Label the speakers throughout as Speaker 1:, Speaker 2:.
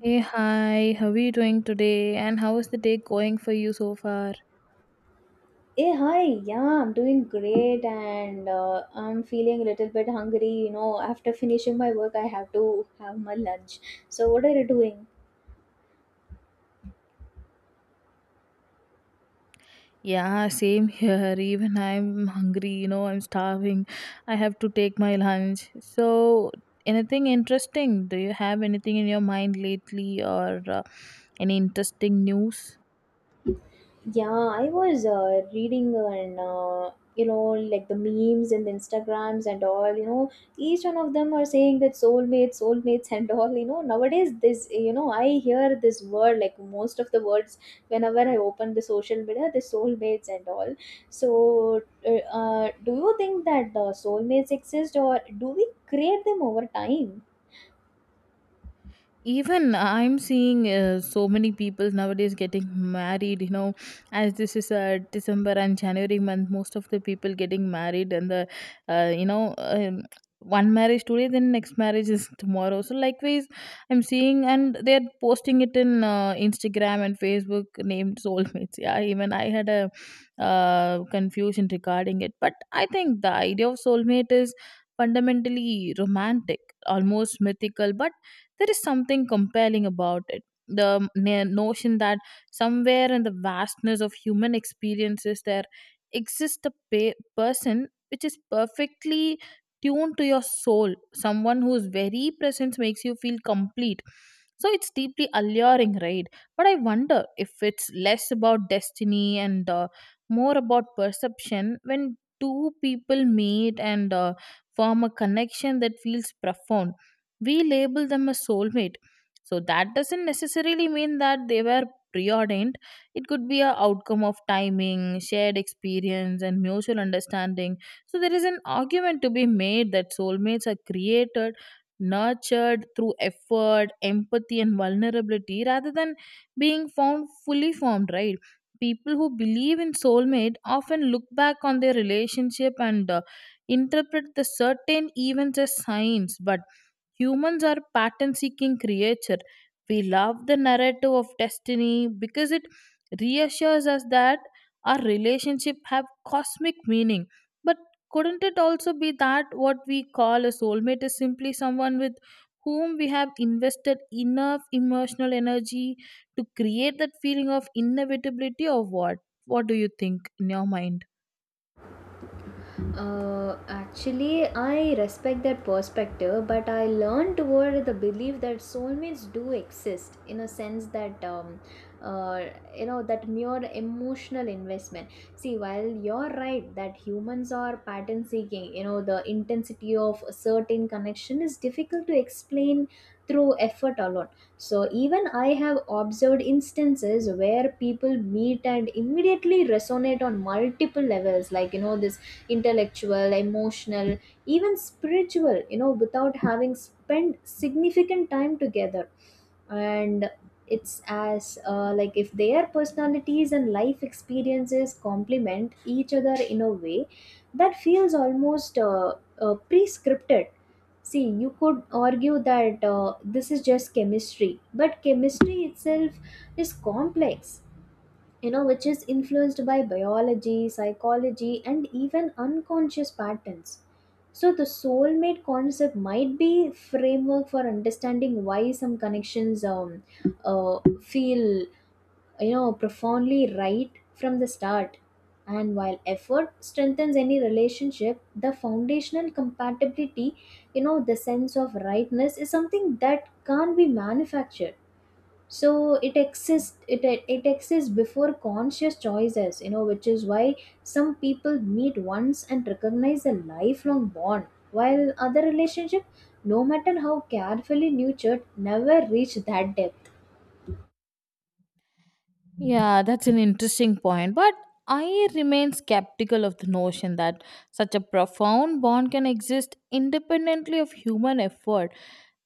Speaker 1: Hey, hi, how are you doing today? And how is the day going for you so far?
Speaker 2: Hey, hi. Yeah, I'm doing great and I'm feeling a little bit hungry. You know, after finishing my work, I have to have my lunch. So, what are you doing?
Speaker 1: Yeah, same here. Even I'm hungry, I'm starving. I have to take my lunch. So, anything interesting? Do you have anything in your mind lately or any interesting news?
Speaker 2: Yeah, I was reading and you know like the memes and the Instagrams and all, you know, each one of them are saying that soulmates, soulmates and all, you know, nowadays this, you know, I hear this word like most of the words whenever I open the social media, the soulmates and all. So do you think that soulmates exist or do we create them over time?
Speaker 1: Even I'm seeing so many people nowadays getting married as this is December and January month. Most of the people getting married, and the you know one marriage today, then next marriage is tomorrow. So likewise I'm seeing, and they're posting it in Instagram and Facebook named soulmates. Yeah, even I had a confusion regarding it, but I think the idea of soulmate is fundamentally romantic, almost mythical, but there is something compelling about it. The notion that somewhere in the vastness of human experiences, there exists a person which is perfectly tuned to your soul, someone whose very presence makes you feel complete. So it's deeply alluring, right? But I wonder if it's less about destiny and more about perception. When two people meet and form a connection that feels profound, we label them as soulmate. So that doesn't necessarily mean that they were preordained. It could be a outcome of timing, shared experience, and mutual understanding. So there is an argument to be made that soulmates are created, nurtured through effort, empathy, and vulnerability, rather than being found fully formed, right? People who believe in soulmate often look back on their relationship and interpret the certain events as signs. But humans are pattern seeking creature. We love the narrative of destiny because it reassures us that our relationship have cosmic meaning. But couldn't it also be that what we call a soulmate is simply someone with whom we have invested enough emotional energy to create that feeling of inevitability or what? What do you think in your mind?
Speaker 2: Mm. Actually, I respect that perspective, but I learned toward the belief that soulmates do exist in a sense that, uh, you know, that mere emotional investment. See, while you're right that humans are pattern seeking, you know, the intensity of a certain connection is difficult to explain through effort alone. So, even I have observed instances where people meet and immediately resonate on multiple levels, like, you know, this intellectual emotional even spiritual, you know, without having spent significant time together, and it's as like if their personalities and life experiences complement each other in a way that feels almost pre-scripted. See, you could argue that this is just chemistry, but chemistry itself is complex, you know, which is influenced by biology, psychology, and even unconscious patterns. So the soulmate concept might be framework for understanding why some connections uh, feel, you know, profoundly right from the start. And while effort strengthens any relationship, the foundational compatibility, you know, the sense of rightness is something that can't be manufactured. So it exists, it exists before conscious choices, you know, which is why some people meet once and recognize a lifelong bond, while other relationship, no matter how carefully nurtured, never reach that depth.
Speaker 1: Yeah, that's an interesting point. But I remain skeptical of the notion that such a profound bond can exist independently of human effort.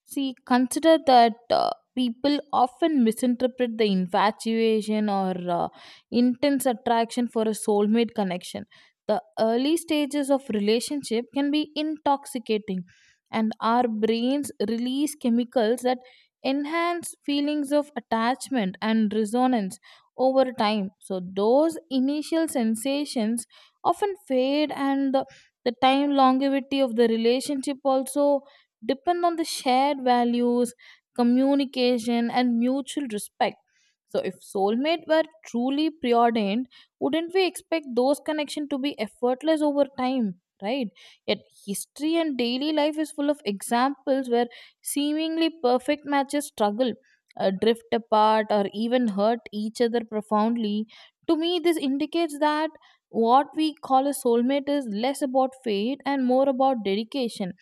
Speaker 1: See, consider that people often misinterpret the infatuation or intense attraction for a soulmate connection. The early stages of relationship can be intoxicating, and our brains release chemicals that enhance feelings of attachment and resonance over time. So those initial sensations often fade, and the time longevity of the relationship also depend on the shared values, communication, and mutual respect. So if soulmate were truly preordained, wouldn't we expect those connection to be effortless over time? Right, yet history and daily life is full of examples where seemingly perfect matches struggle, drift apart, or even hurt each other profoundly. To me, this indicates that what we call a soulmate is less about fate and more about dedication,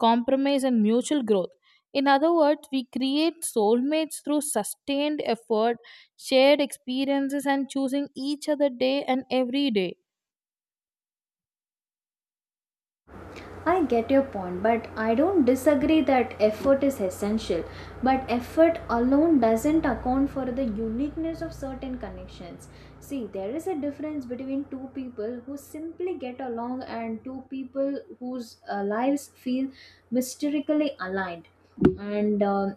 Speaker 1: compromise, and mutual growth. In other words, we create soulmates through sustained effort, shared experiences, and choosing each other day and every day.
Speaker 2: I get your point, but I don't disagree that effort is essential. But effort alone doesn't account for the uniqueness of certain connections. See, there is a difference between two people who simply get along and two people whose lives feel mysteriously aligned. And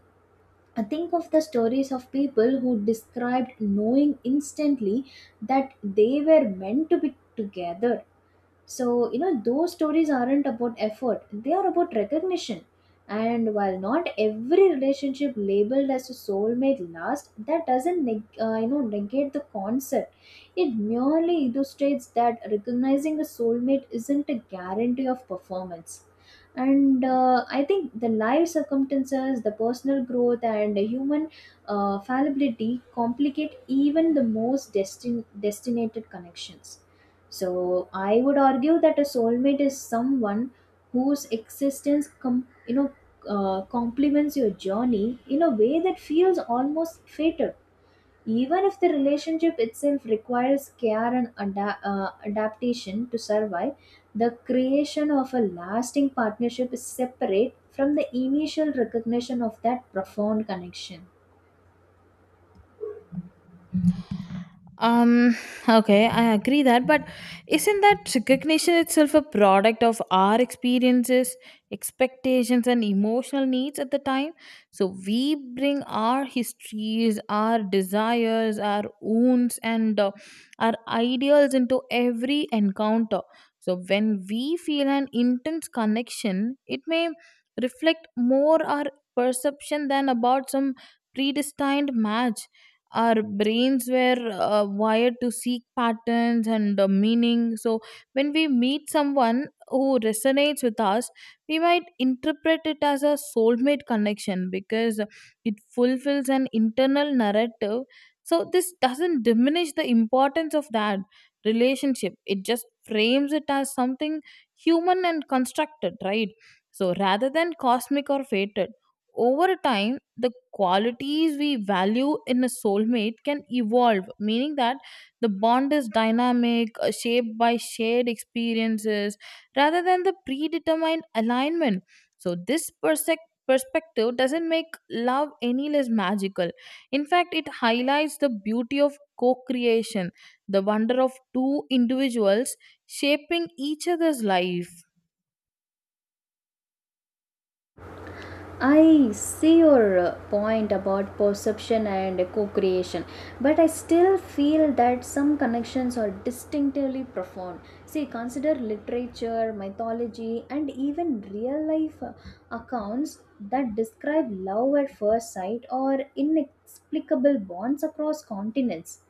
Speaker 2: I think of the stories of people who described knowing instantly that they were meant to be together. So, you know, those stories aren't about effort, they are about recognition. And while not every relationship labeled as a soulmate lasts, that doesn't you know, negate the concept. It merely illustrates that recognizing a soulmate isn't a guarantee of performance. And I think the life circumstances, the personal growth, and the human fallibility complicate even the most destinated connections. So I would argue that a soulmate is someone whose existence, you know, complements your journey in a way that feels almost fated, even if the relationship itself requires care and adaptation to survive. The creation of a lasting partnership is separate from the initial recognition of that profound connection.
Speaker 1: Um, okay, I agree that, but isn't that recognition itself a product of our experiences, expectations, and emotional needs at the time? So we bring our histories, our desires, our wounds, and our ideals into every encounter. So when we feel an intense connection, it may reflect more our perception than about some predestined match. Our brains were wired to seek patterns and meaning. So when we meet someone who resonates with us, we might interpret it as a soulmate connection because it fulfills an internal narrative. So this doesn't diminish the importance of that relationship, it just frames it as something human and constructed, right? So rather than cosmic or fated, over time, the qualities we value in a soulmate can evolve, meaning that the bond is dynamic, shaped by shared experiences rather than the predetermined alignment. So, this perspective doesn't make love any less magical. In fact, it highlights the beauty of co creation, the wonder of two individuals shaping each other's life.
Speaker 2: I see your point about perception and co creation, but I still feel that some connections are distinctively profound. See, consider literature, mythology, and even real life accounts that describe love at first sight or inexplicable bonds across continents.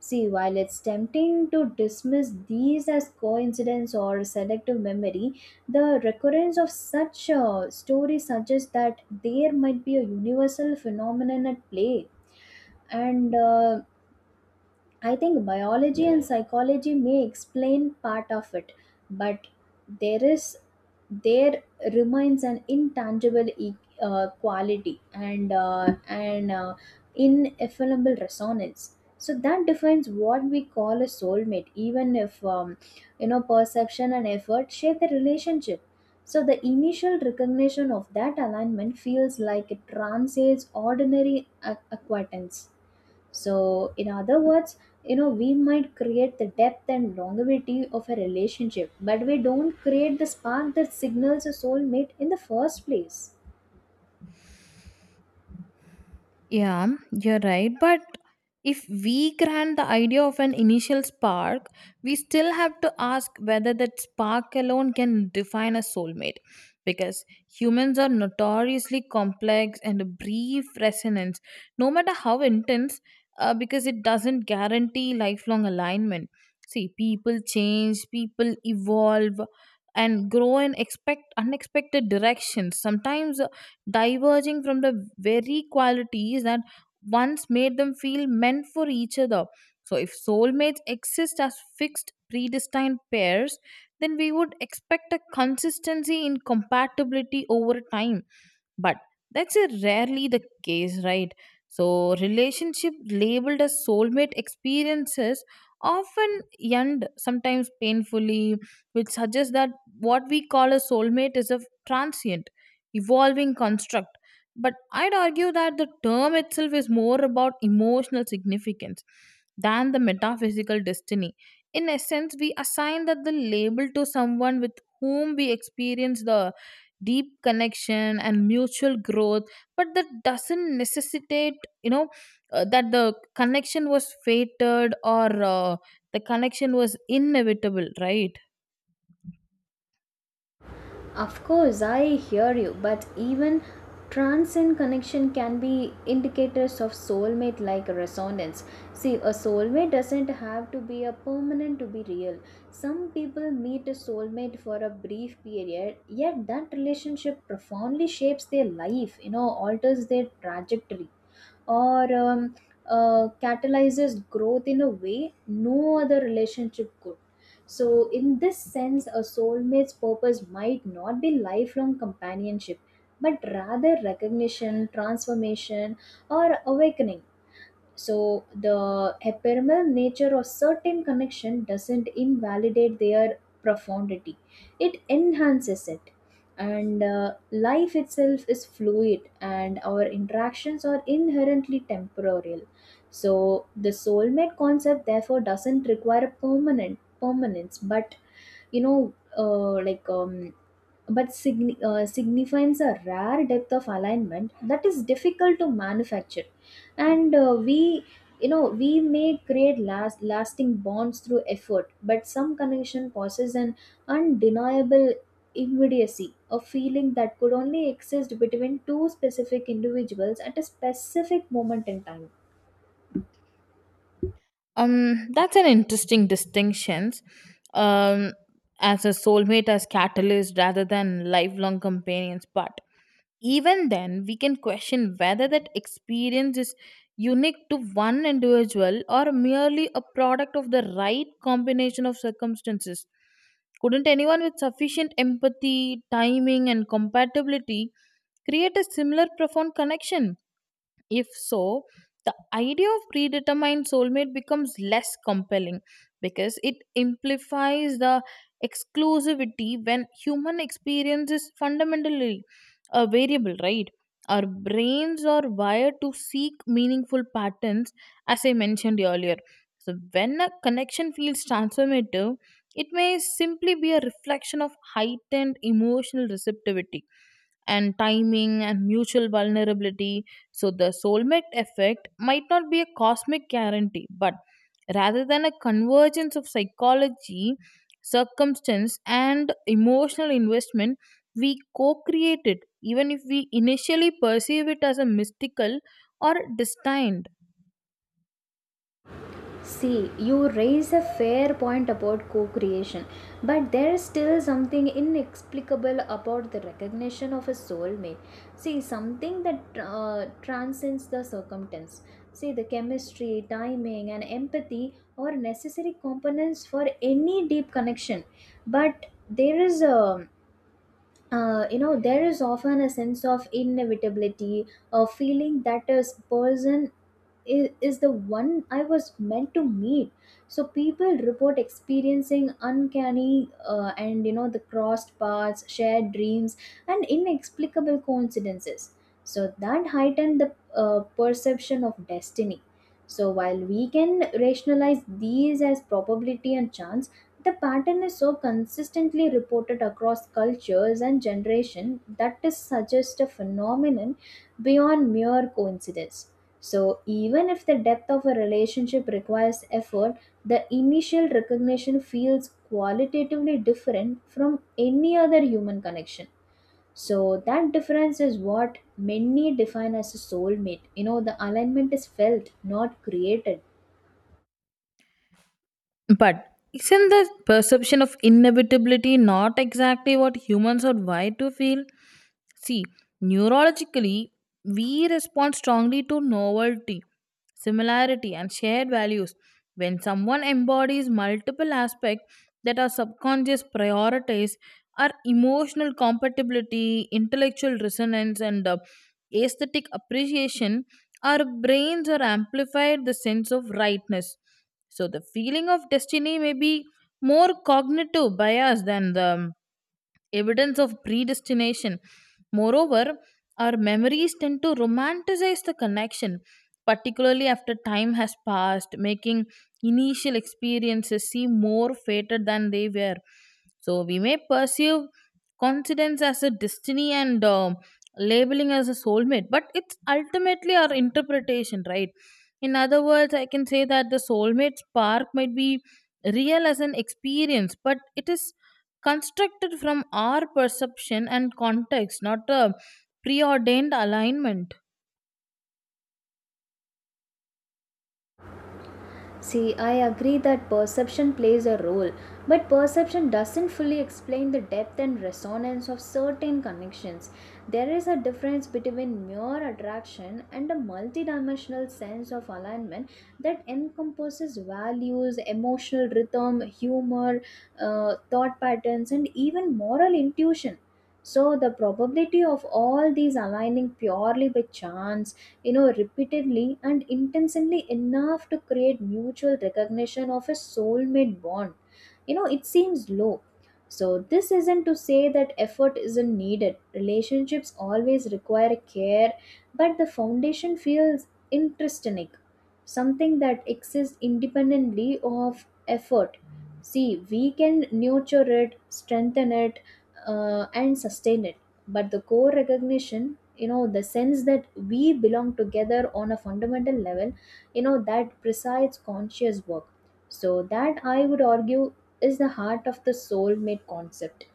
Speaker 2: See, while it's tempting to dismiss these as coincidence or selective memory, the recurrence of such stories suggests that there might be a universal phenomenon at play. And I think biology and psychology may explain part of it, but there is, there remains an intangible quality and an ineffable resonance. So that defines what we call a soulmate, even if you know, perception and effort shape the relationship. So the initial recognition of that alignment feels like it transcends ordinary acquaintance. So, in other words, you know, we might create the depth and longevity of a relationship, but we don't create the spark that signals a soulmate in the first place.
Speaker 1: Yeah, you're right. But if we grant the idea of an initial spark, we still have to ask whether that spark alone can define a soulmate. Because humans are notoriously complex and a brief resonance, no matter how intense, because it doesn't guarantee lifelong alignment. See, people change, people evolve, and grow and expect unexpected directions. Sometimes diverging from the very qualities that once made them feel meant for each other. So, if soulmates exist as fixed, predestined pairs, then we would expect a consistency in compatibility over time, but that's a rarely the case, right? So relationship labeled as soulmate experiences often end, sometimes painfully, which suggests that what we call a soulmate is a transient, evolving construct. But I'd argue that the term itself is more about emotional significance than the metaphysical destiny. In essence, we assign that the label to someone with whom we experience the deep connection and mutual growth, but that doesn't necessitate, you know that the connection was fated, or the connection was inevitable, right?
Speaker 2: Of course, I hear you, but even transcend connection can be indicators of soulmate like resonance. See, a soulmate doesn't have to be a permanent to be real. Some people meet a soulmate for a brief period, yet that relationship profoundly shapes their life, you know, alters their trajectory or catalyzes growth in a way no other relationship could. So, in this sense, a soulmate's purpose might not be lifelong companionship, but rather recognition, transformation, or awakening. So the ephemeral nature of certain connection doesn't invalidate their profundity, it enhances it. And life itself is fluid and our interactions are inherently temporal. So the soulmate concept therefore doesn't require a permanent permanence, but, you know, uh, like um, signifies a rare depth of alignment that is difficult to manufacture. And we, you know, we may create lasting bonds through effort, but some connection possesses an undeniable immediacy, a feeling that could only exist between two specific individuals at a specific moment in time.
Speaker 1: That's an interesting distinctions, um as a soulmate as catalyst rather than lifelong companions. But even then, we can question whether that experience is unique to one individual or merely a product of the right combination of circumstances. Couldn't anyone with sufficient empathy, timing, and compatibility create a similar profound connection? If so, the idea of predetermined soulmate becomes less compelling because it implies the exclusivity when human experience is fundamentally a variable, right? Our brains are wired to seek meaningful patterns, as I mentioned earlier. So, when a connection feels transformative, it may simply be a reflection of heightened emotional receptivity and timing and mutual vulnerability. So, the soulmate effect might not be a cosmic guarantee, but rather than a convergence of psychology, circumstance, and emotional investment, we co create it, even if we initially perceive it as a mystical or destined.
Speaker 2: See, you raise a fair point about co creation, but there's still something inexplicable about the recognition of a soulmate. See, something that transcends the circumstance. See, the chemistry, timing, and empathy are necessary components for any deep connection, but there is a you know, there is often a sense of inevitability, a feeling that a person is the one I was meant to meet. So people report experiencing uncanny and, you know, the crossed paths, shared dreams, and inexplicable coincidences. So that heightened the perception of destiny. So while we can rationalize these as probability and chance, the pattern is so consistently reported across cultures and generations that it suggests a phenomenon beyond mere coincidence. So, even if the depth of a relationship requires effort, the initial recognition feels qualitatively different from any other human connection. So, that difference is what many define as a soulmate. You know, the alignment is felt, not created.
Speaker 1: But isn't the perception of inevitability not exactly what humans are wired to feel? See, neurologically, we respond strongly to novelty, similarity, and shared values. When someone embodies multiple aspects that our subconscious prioritize, our emotional compatibility, intellectual resonance, and aesthetic appreciation, our brains are amplified the sense of rightness. So, the feeling of destiny may be more cognitive bias than the evidence of predestination. Moreover, our memories tend to romanticize the connection, particularly after time has passed, making initial experiences seem more fated than they were. So we may perceive coincidence as a destiny and labeling as a soulmate, but it's ultimately our interpretation, right? In other words, I can say that the soulmate spark might be real as an experience, but it is constructed from our perception and context, not a preordained alignment.
Speaker 2: See, I agree that perception plays a role, but perception doesn't fully explain the depth and resonance of certain connections. There is a difference between mere attraction and a multidimensional sense of alignment that encompasses values, emotional rhythm, humor, thought patterns, and even moral intuition. So, the probability of all these aligning purely by chance, you know, repeatedly and intensely enough to create mutual recognition of a soulmate bond, you know, it seems low. So this isn't to say that effort isn't needed, relationships always require care, but the foundation feels intrinsic, something that exists independently of effort. See, we can nurture it, strengthen it, and sustain it, but the core recognition, you know, the sense that we belong together on a fundamental level, you know, that presides conscious work. So that, I would argue, is the heart of the soulmate concept.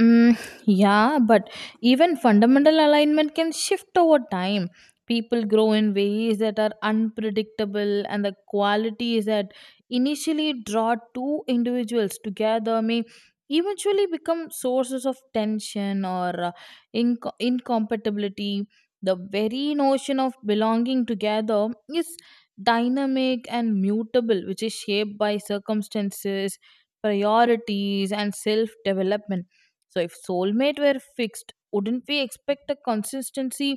Speaker 1: Mm, yeah, but even fundamental alignment can shift over time. People grow in ways that are unpredictable, and the qualities that initially draw two individuals together may eventually become sources of tension or incompatibility. The very notion of belonging together is dynamic and mutable, which is shaped by circumstances, priorities, and self development. So if soulmate were fixed, wouldn't we expect a consistency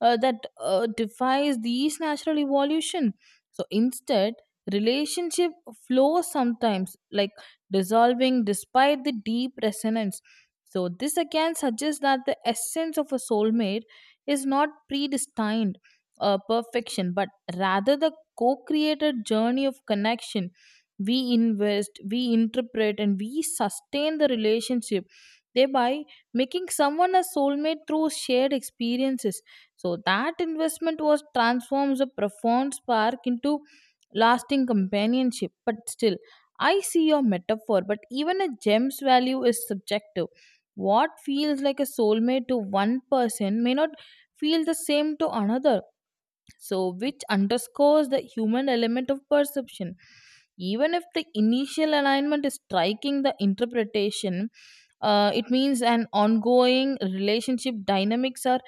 Speaker 1: that defies these natural evolution? So instead, relationship flows sometimes like dissolving despite the deep resonance. So this again suggests that the essence of a soulmate is not predestined perfection, but rather the co-created journey of connection. We invest, we interpret, and we sustain the relationship, thereby making someone a soulmate through shared experiences. So that investment was transforms a profound spark into lasting companionship. But still, I see your metaphor, but even a gem's value is subjective. What feels like a soulmate to one person may not feel the same to another, so which underscores the human element of perception. Even if the initial alignment is striking, the interpretation, it means an ongoing relationship dynamics are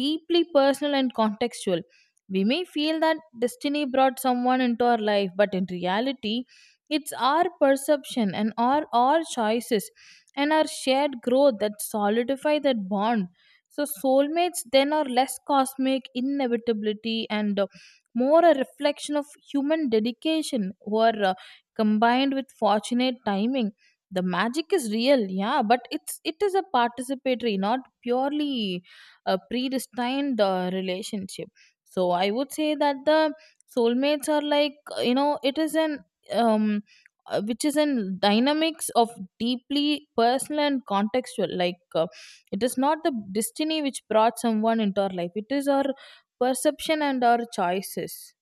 Speaker 1: deeply personal and contextual. We may feel that destiny brought someone into our life, but in reality, it's our perception and our choices and our shared growth that solidify that bond. So soulmates then are less cosmic inevitability and more a reflection of human dedication or combined with fortunate timing. The magic is real, yeah, but it is a participatory, not purely a predestined relationship. So I would say that the soulmates are like it is an um which is in dynamics of deeply personal and contextual, like, it is not the destiny which brought someone into our life, it is our perception and our choices.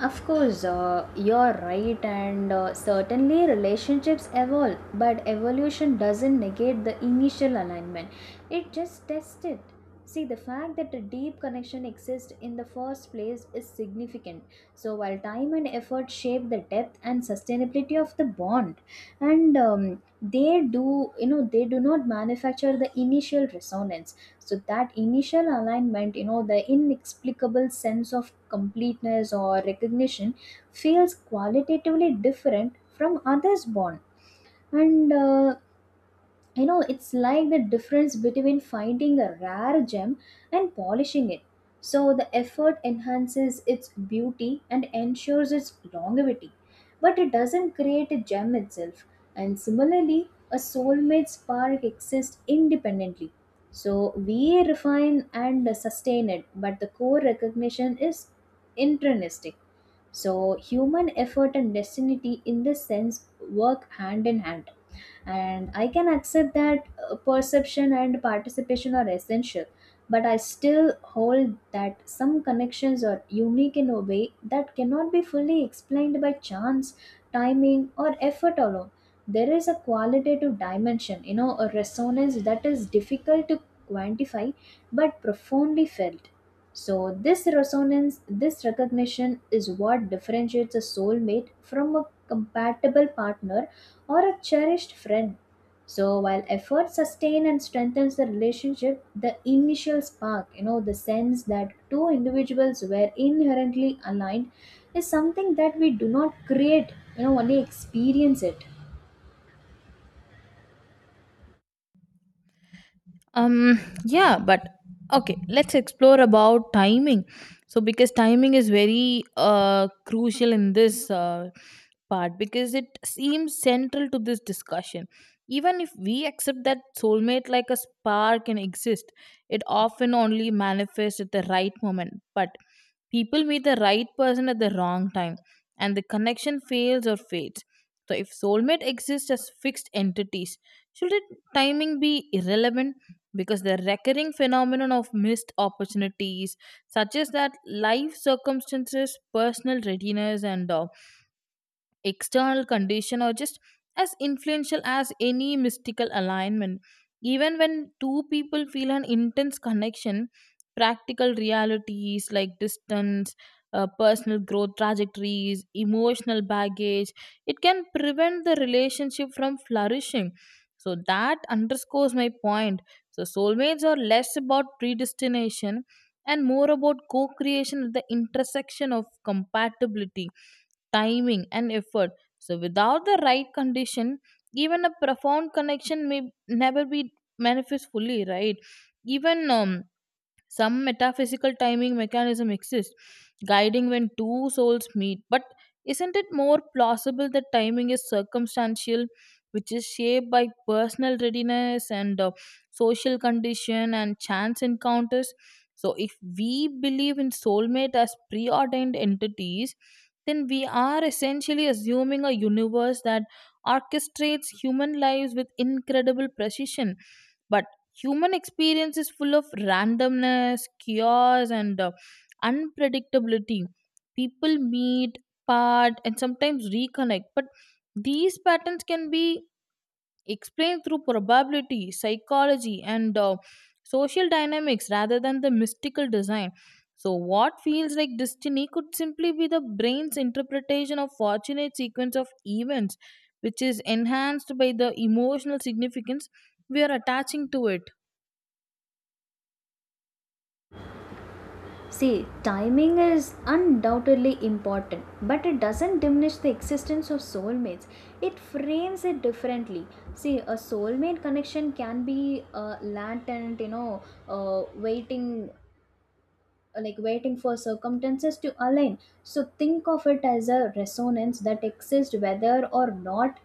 Speaker 2: Of course, you're right, and certainly relationships evolve, but evolution doesn't negate the initial alignment. It just tests it. See, the fact that a deep connection exists in the first place is significant. So, while time and effort shape the depth and sustainability of the bond, and they do, you know, they do not manufacture the initial resonance. So that initial alignment, you know, the inexplicable sense of completeness or recognition feels qualitatively different from others born. And you know, it's like the difference between finding a rare gem and polishing it. So the effort enhances its beauty and ensures its longevity, but it doesn't create a gem itself. And similarly, a soulmate spark exists independently. So we refine and sustain it, but the core recognition is intrinsic. So human effort and destiny, in this sense, work hand in hand. And I can accept that perception and participation are essential, but I still hold that some connections are unique in a way that cannot be fully explained by chance, timing, or effort alone. There is a qualitative dimension, you know, a resonance that is difficult to quantify but profoundly felt. So, this resonance, this recognition is what differentiates a soulmate from a compatible partner or a cherished friend. So while effort sustains and strengthens the relationship, the initial spark, you know, the sense that two individuals were inherently aligned is something that we do not create, you know, only experience it.
Speaker 1: um yeah but okay, let's explore about timing. So because timing is very crucial in this part, because it seems central to this discussion. Even if we accept that soulmate like a spark can exist, it often only manifests at the right moment. But people meet the right person at the wrong time, and the connection fails or fades. So if soulmate exists as fixed entities, should it, timing be irrelevant? Because the recurring phenomenon of missed opportunities suggests that life circumstances, personal readiness, and external condition or just as influential as any mystical alignment. Even when two people feel an intense connection, practical realities like distance, personal growth trajectories, emotional baggage, it can prevent the relationship from flourishing. So that underscores my point. So soulmates are less about predestination and more about co creation at the intersection of compatibility, timing, and effort. So without the right condition, even a profound connection may never be manifest fully, right? Even some metaphysical timing mechanism exists, guiding when two souls meet. But isn't it more plausible that timing is circumstantial, which is shaped by personal readiness and social condition and chance encounters? So, if we believe in soulmate as preordained entities, then we are essentially assuming a universe that orchestrates human lives with incredible precision. But human experience is full of randomness, chaos, and unpredictability. People meet, part, and sometimes reconnect, but these patterns can be explained through probability, psychology, and social dynamics rather than the mystical design. So what feels like destiny could simply be the brain's interpretation of fortunate sequence of events, which is enhanced by the emotional significance we are attaching to it.
Speaker 2: See, timing is undoubtedly important, but it doesn't diminish the existence of soulmates. It frames it differently. See, a soulmate connection can be latent, you know, waiting, like waiting for circumstances to align. So think of it as a resonance that exists whether or not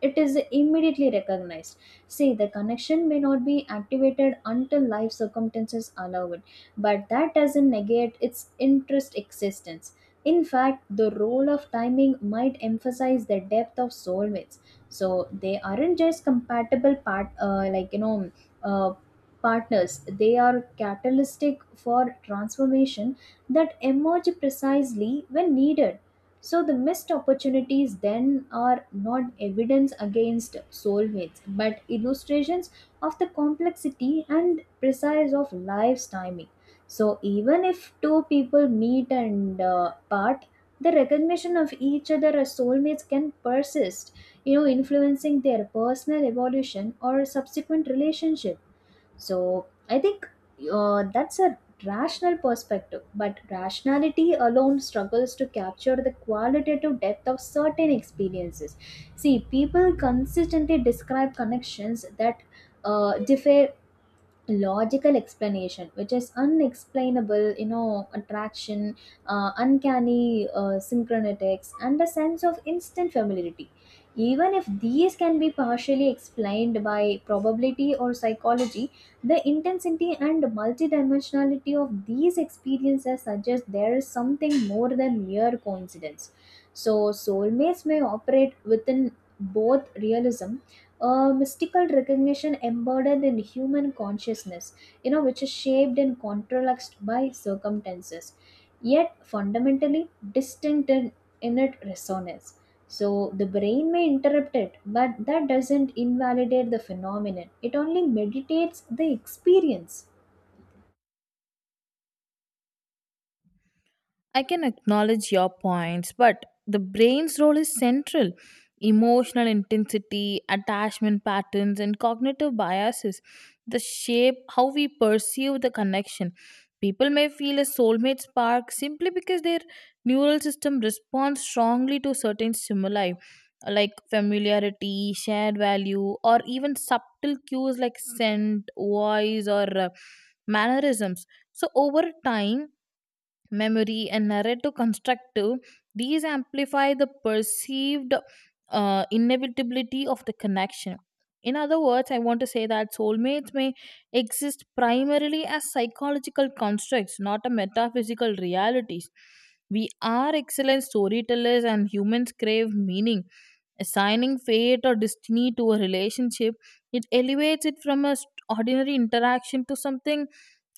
Speaker 2: it is immediately recognized. See, the connection may not be activated until life circumstances allow it, but that doesn't negate its interest existence. In fact, the role of timing might emphasize the depth of soulmates. So they aren't just compatible like, you know, uh, partners. They are catalytic for transformation that emerge precisely when needed. So the missed opportunities then are not evidence against soulmates, but illustrations of the complexity and precise of life's timing. So even if two people meet and part, the recognition of each other as soulmates can persist, you know, influencing their personal evolution or subsequent relationship. So I think that's a rational perspective, but rationality alone struggles to capture the qualitative depth of certain experiences. See, people consistently describe connections that differ logical explanation, which is unexplainable, you know, attraction, uncanny synchronetics, and a sense of instant familiarity. Even if these can be partially explained by probability or psychology, the intensity and multidimensionality of these experiences suggest there is something more than mere coincidence. So soulmates may operate within both realism, a mystical recognition embodied in human consciousness, you know, which is shaped and controlled by circumstances, yet fundamentally distinct in its resonance. So the brain may interrupt it, but that doesn't invalidate the phenomenon. It only meditates the experience.
Speaker 1: I can acknowledge your points, but the brain's role is central. Emotional intensity, attachment patterns, and cognitive biases the shape how we perceive the connection. People may feel a soulmate spark simply because their neural system responds strongly to certain stimuli like familiarity, shared value, or even subtle cues like scent, voice, or mannerisms. So, over time, memory, and narrative constructive, these amplify the perceived inevitability of the connection. In other words, I want to say that soulmates may exist primarily as psychological constructs, not a metaphysical realities. We are excellent storytellers, and humans crave meaning. Assigning fate or destiny to a relationship, it elevates it from a ordinary interaction to something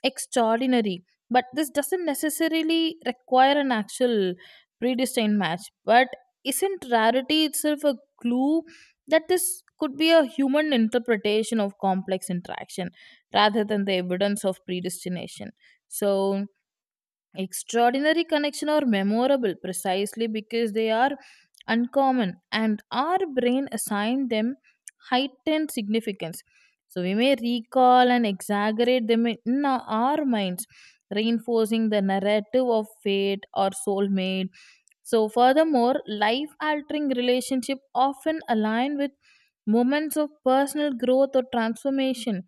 Speaker 1: extraordinary. But this doesn't necessarily require an actual predestined match. But isn't rarity itself a clue that this could be a human interpretation of complex interaction rather than the evidence of predestination? So extraordinary connection are memorable precisely because they are uncommon, and our brain assigned them heightened significance. So we may recall and exaggerate them in our minds, reinforcing the narrative of fate or soulmate. So furthermore, life altering relationship often align with moments of personal growth or transformation.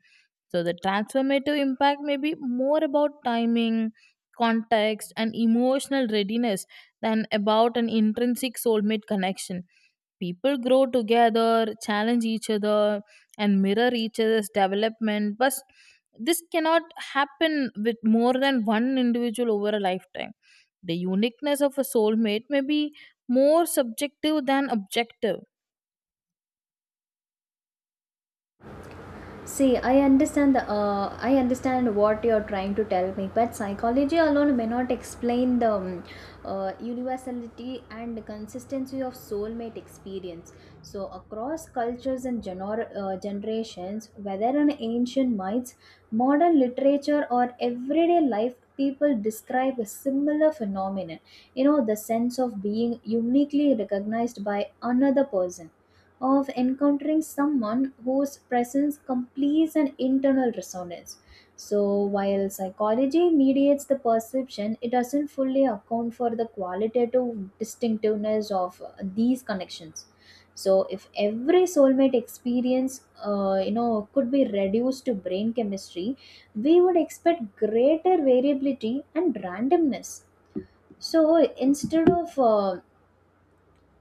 Speaker 1: So the transformative impact may be more about timing, context, and emotional readiness than about an intrinsic soulmate connection. People grow together, challenge each other, and mirror each other's development, but this cannot happen with more than one individual over a lifetime. The uniqueness of a soulmate may be more subjective than objective.
Speaker 2: See, I understand the I understand what you're trying to tell me, but psychology alone may not explain the universality and consistency of soulmate experience. So, across cultures and generations, whether in ancient myths, modern literature, or everyday life, people describe a similar phenomenon. You know, the sense of being uniquely recognized by another person, of encountering someone whose presence completes an internal resonance. So, while psychology mediates the perception, it doesn't fully account for the qualitative distinctiveness of these connections. So, if every soulmate experience, you know, could be reduced to brain chemistry, we would expect greater variability and randomness. So, instead of uh,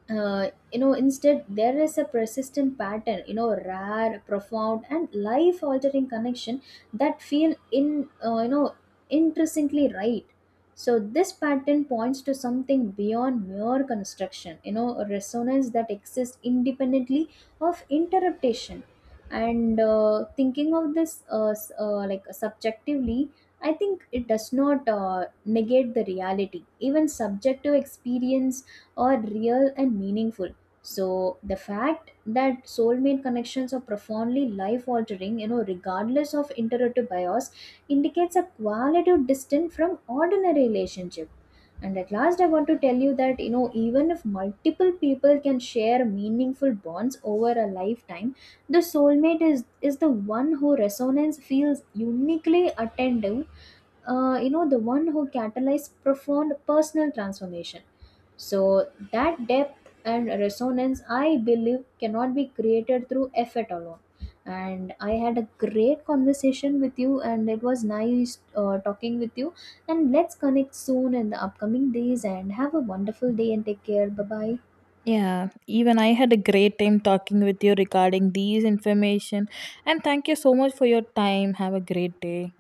Speaker 2: uh, you know, instead there is a persistent pattern, you know, rare, profound, and life altering connection that feel in, you know, intrinsically right. So this pattern points to something beyond mere construction, you know, a resonance that exists independently of interpretation. And thinking of this like subjectively, I think it does not negate the reality. Even subjective experience are real and meaningful. So the fact that soulmate connections are profoundly life altering, you know, regardless of interrupted bias, indicates a qualitative distance from ordinary relationship. And at last, I want to tell you that, you know, even if multiple people can share meaningful bonds over a lifetime, the soulmate is the one who resonance feels uniquely attentive, you know, the one who catalyzed profound personal transformation. So that depth and resonance, I believe, cannot be created through effort alone. And I had a great conversation with you, and it was nice talking with you. And let's connect soon in the upcoming days and have a wonderful day and take care, bye bye.
Speaker 1: Yeah, even I had a great time talking with you regarding these information, and thank you so much for your time. Have a great day.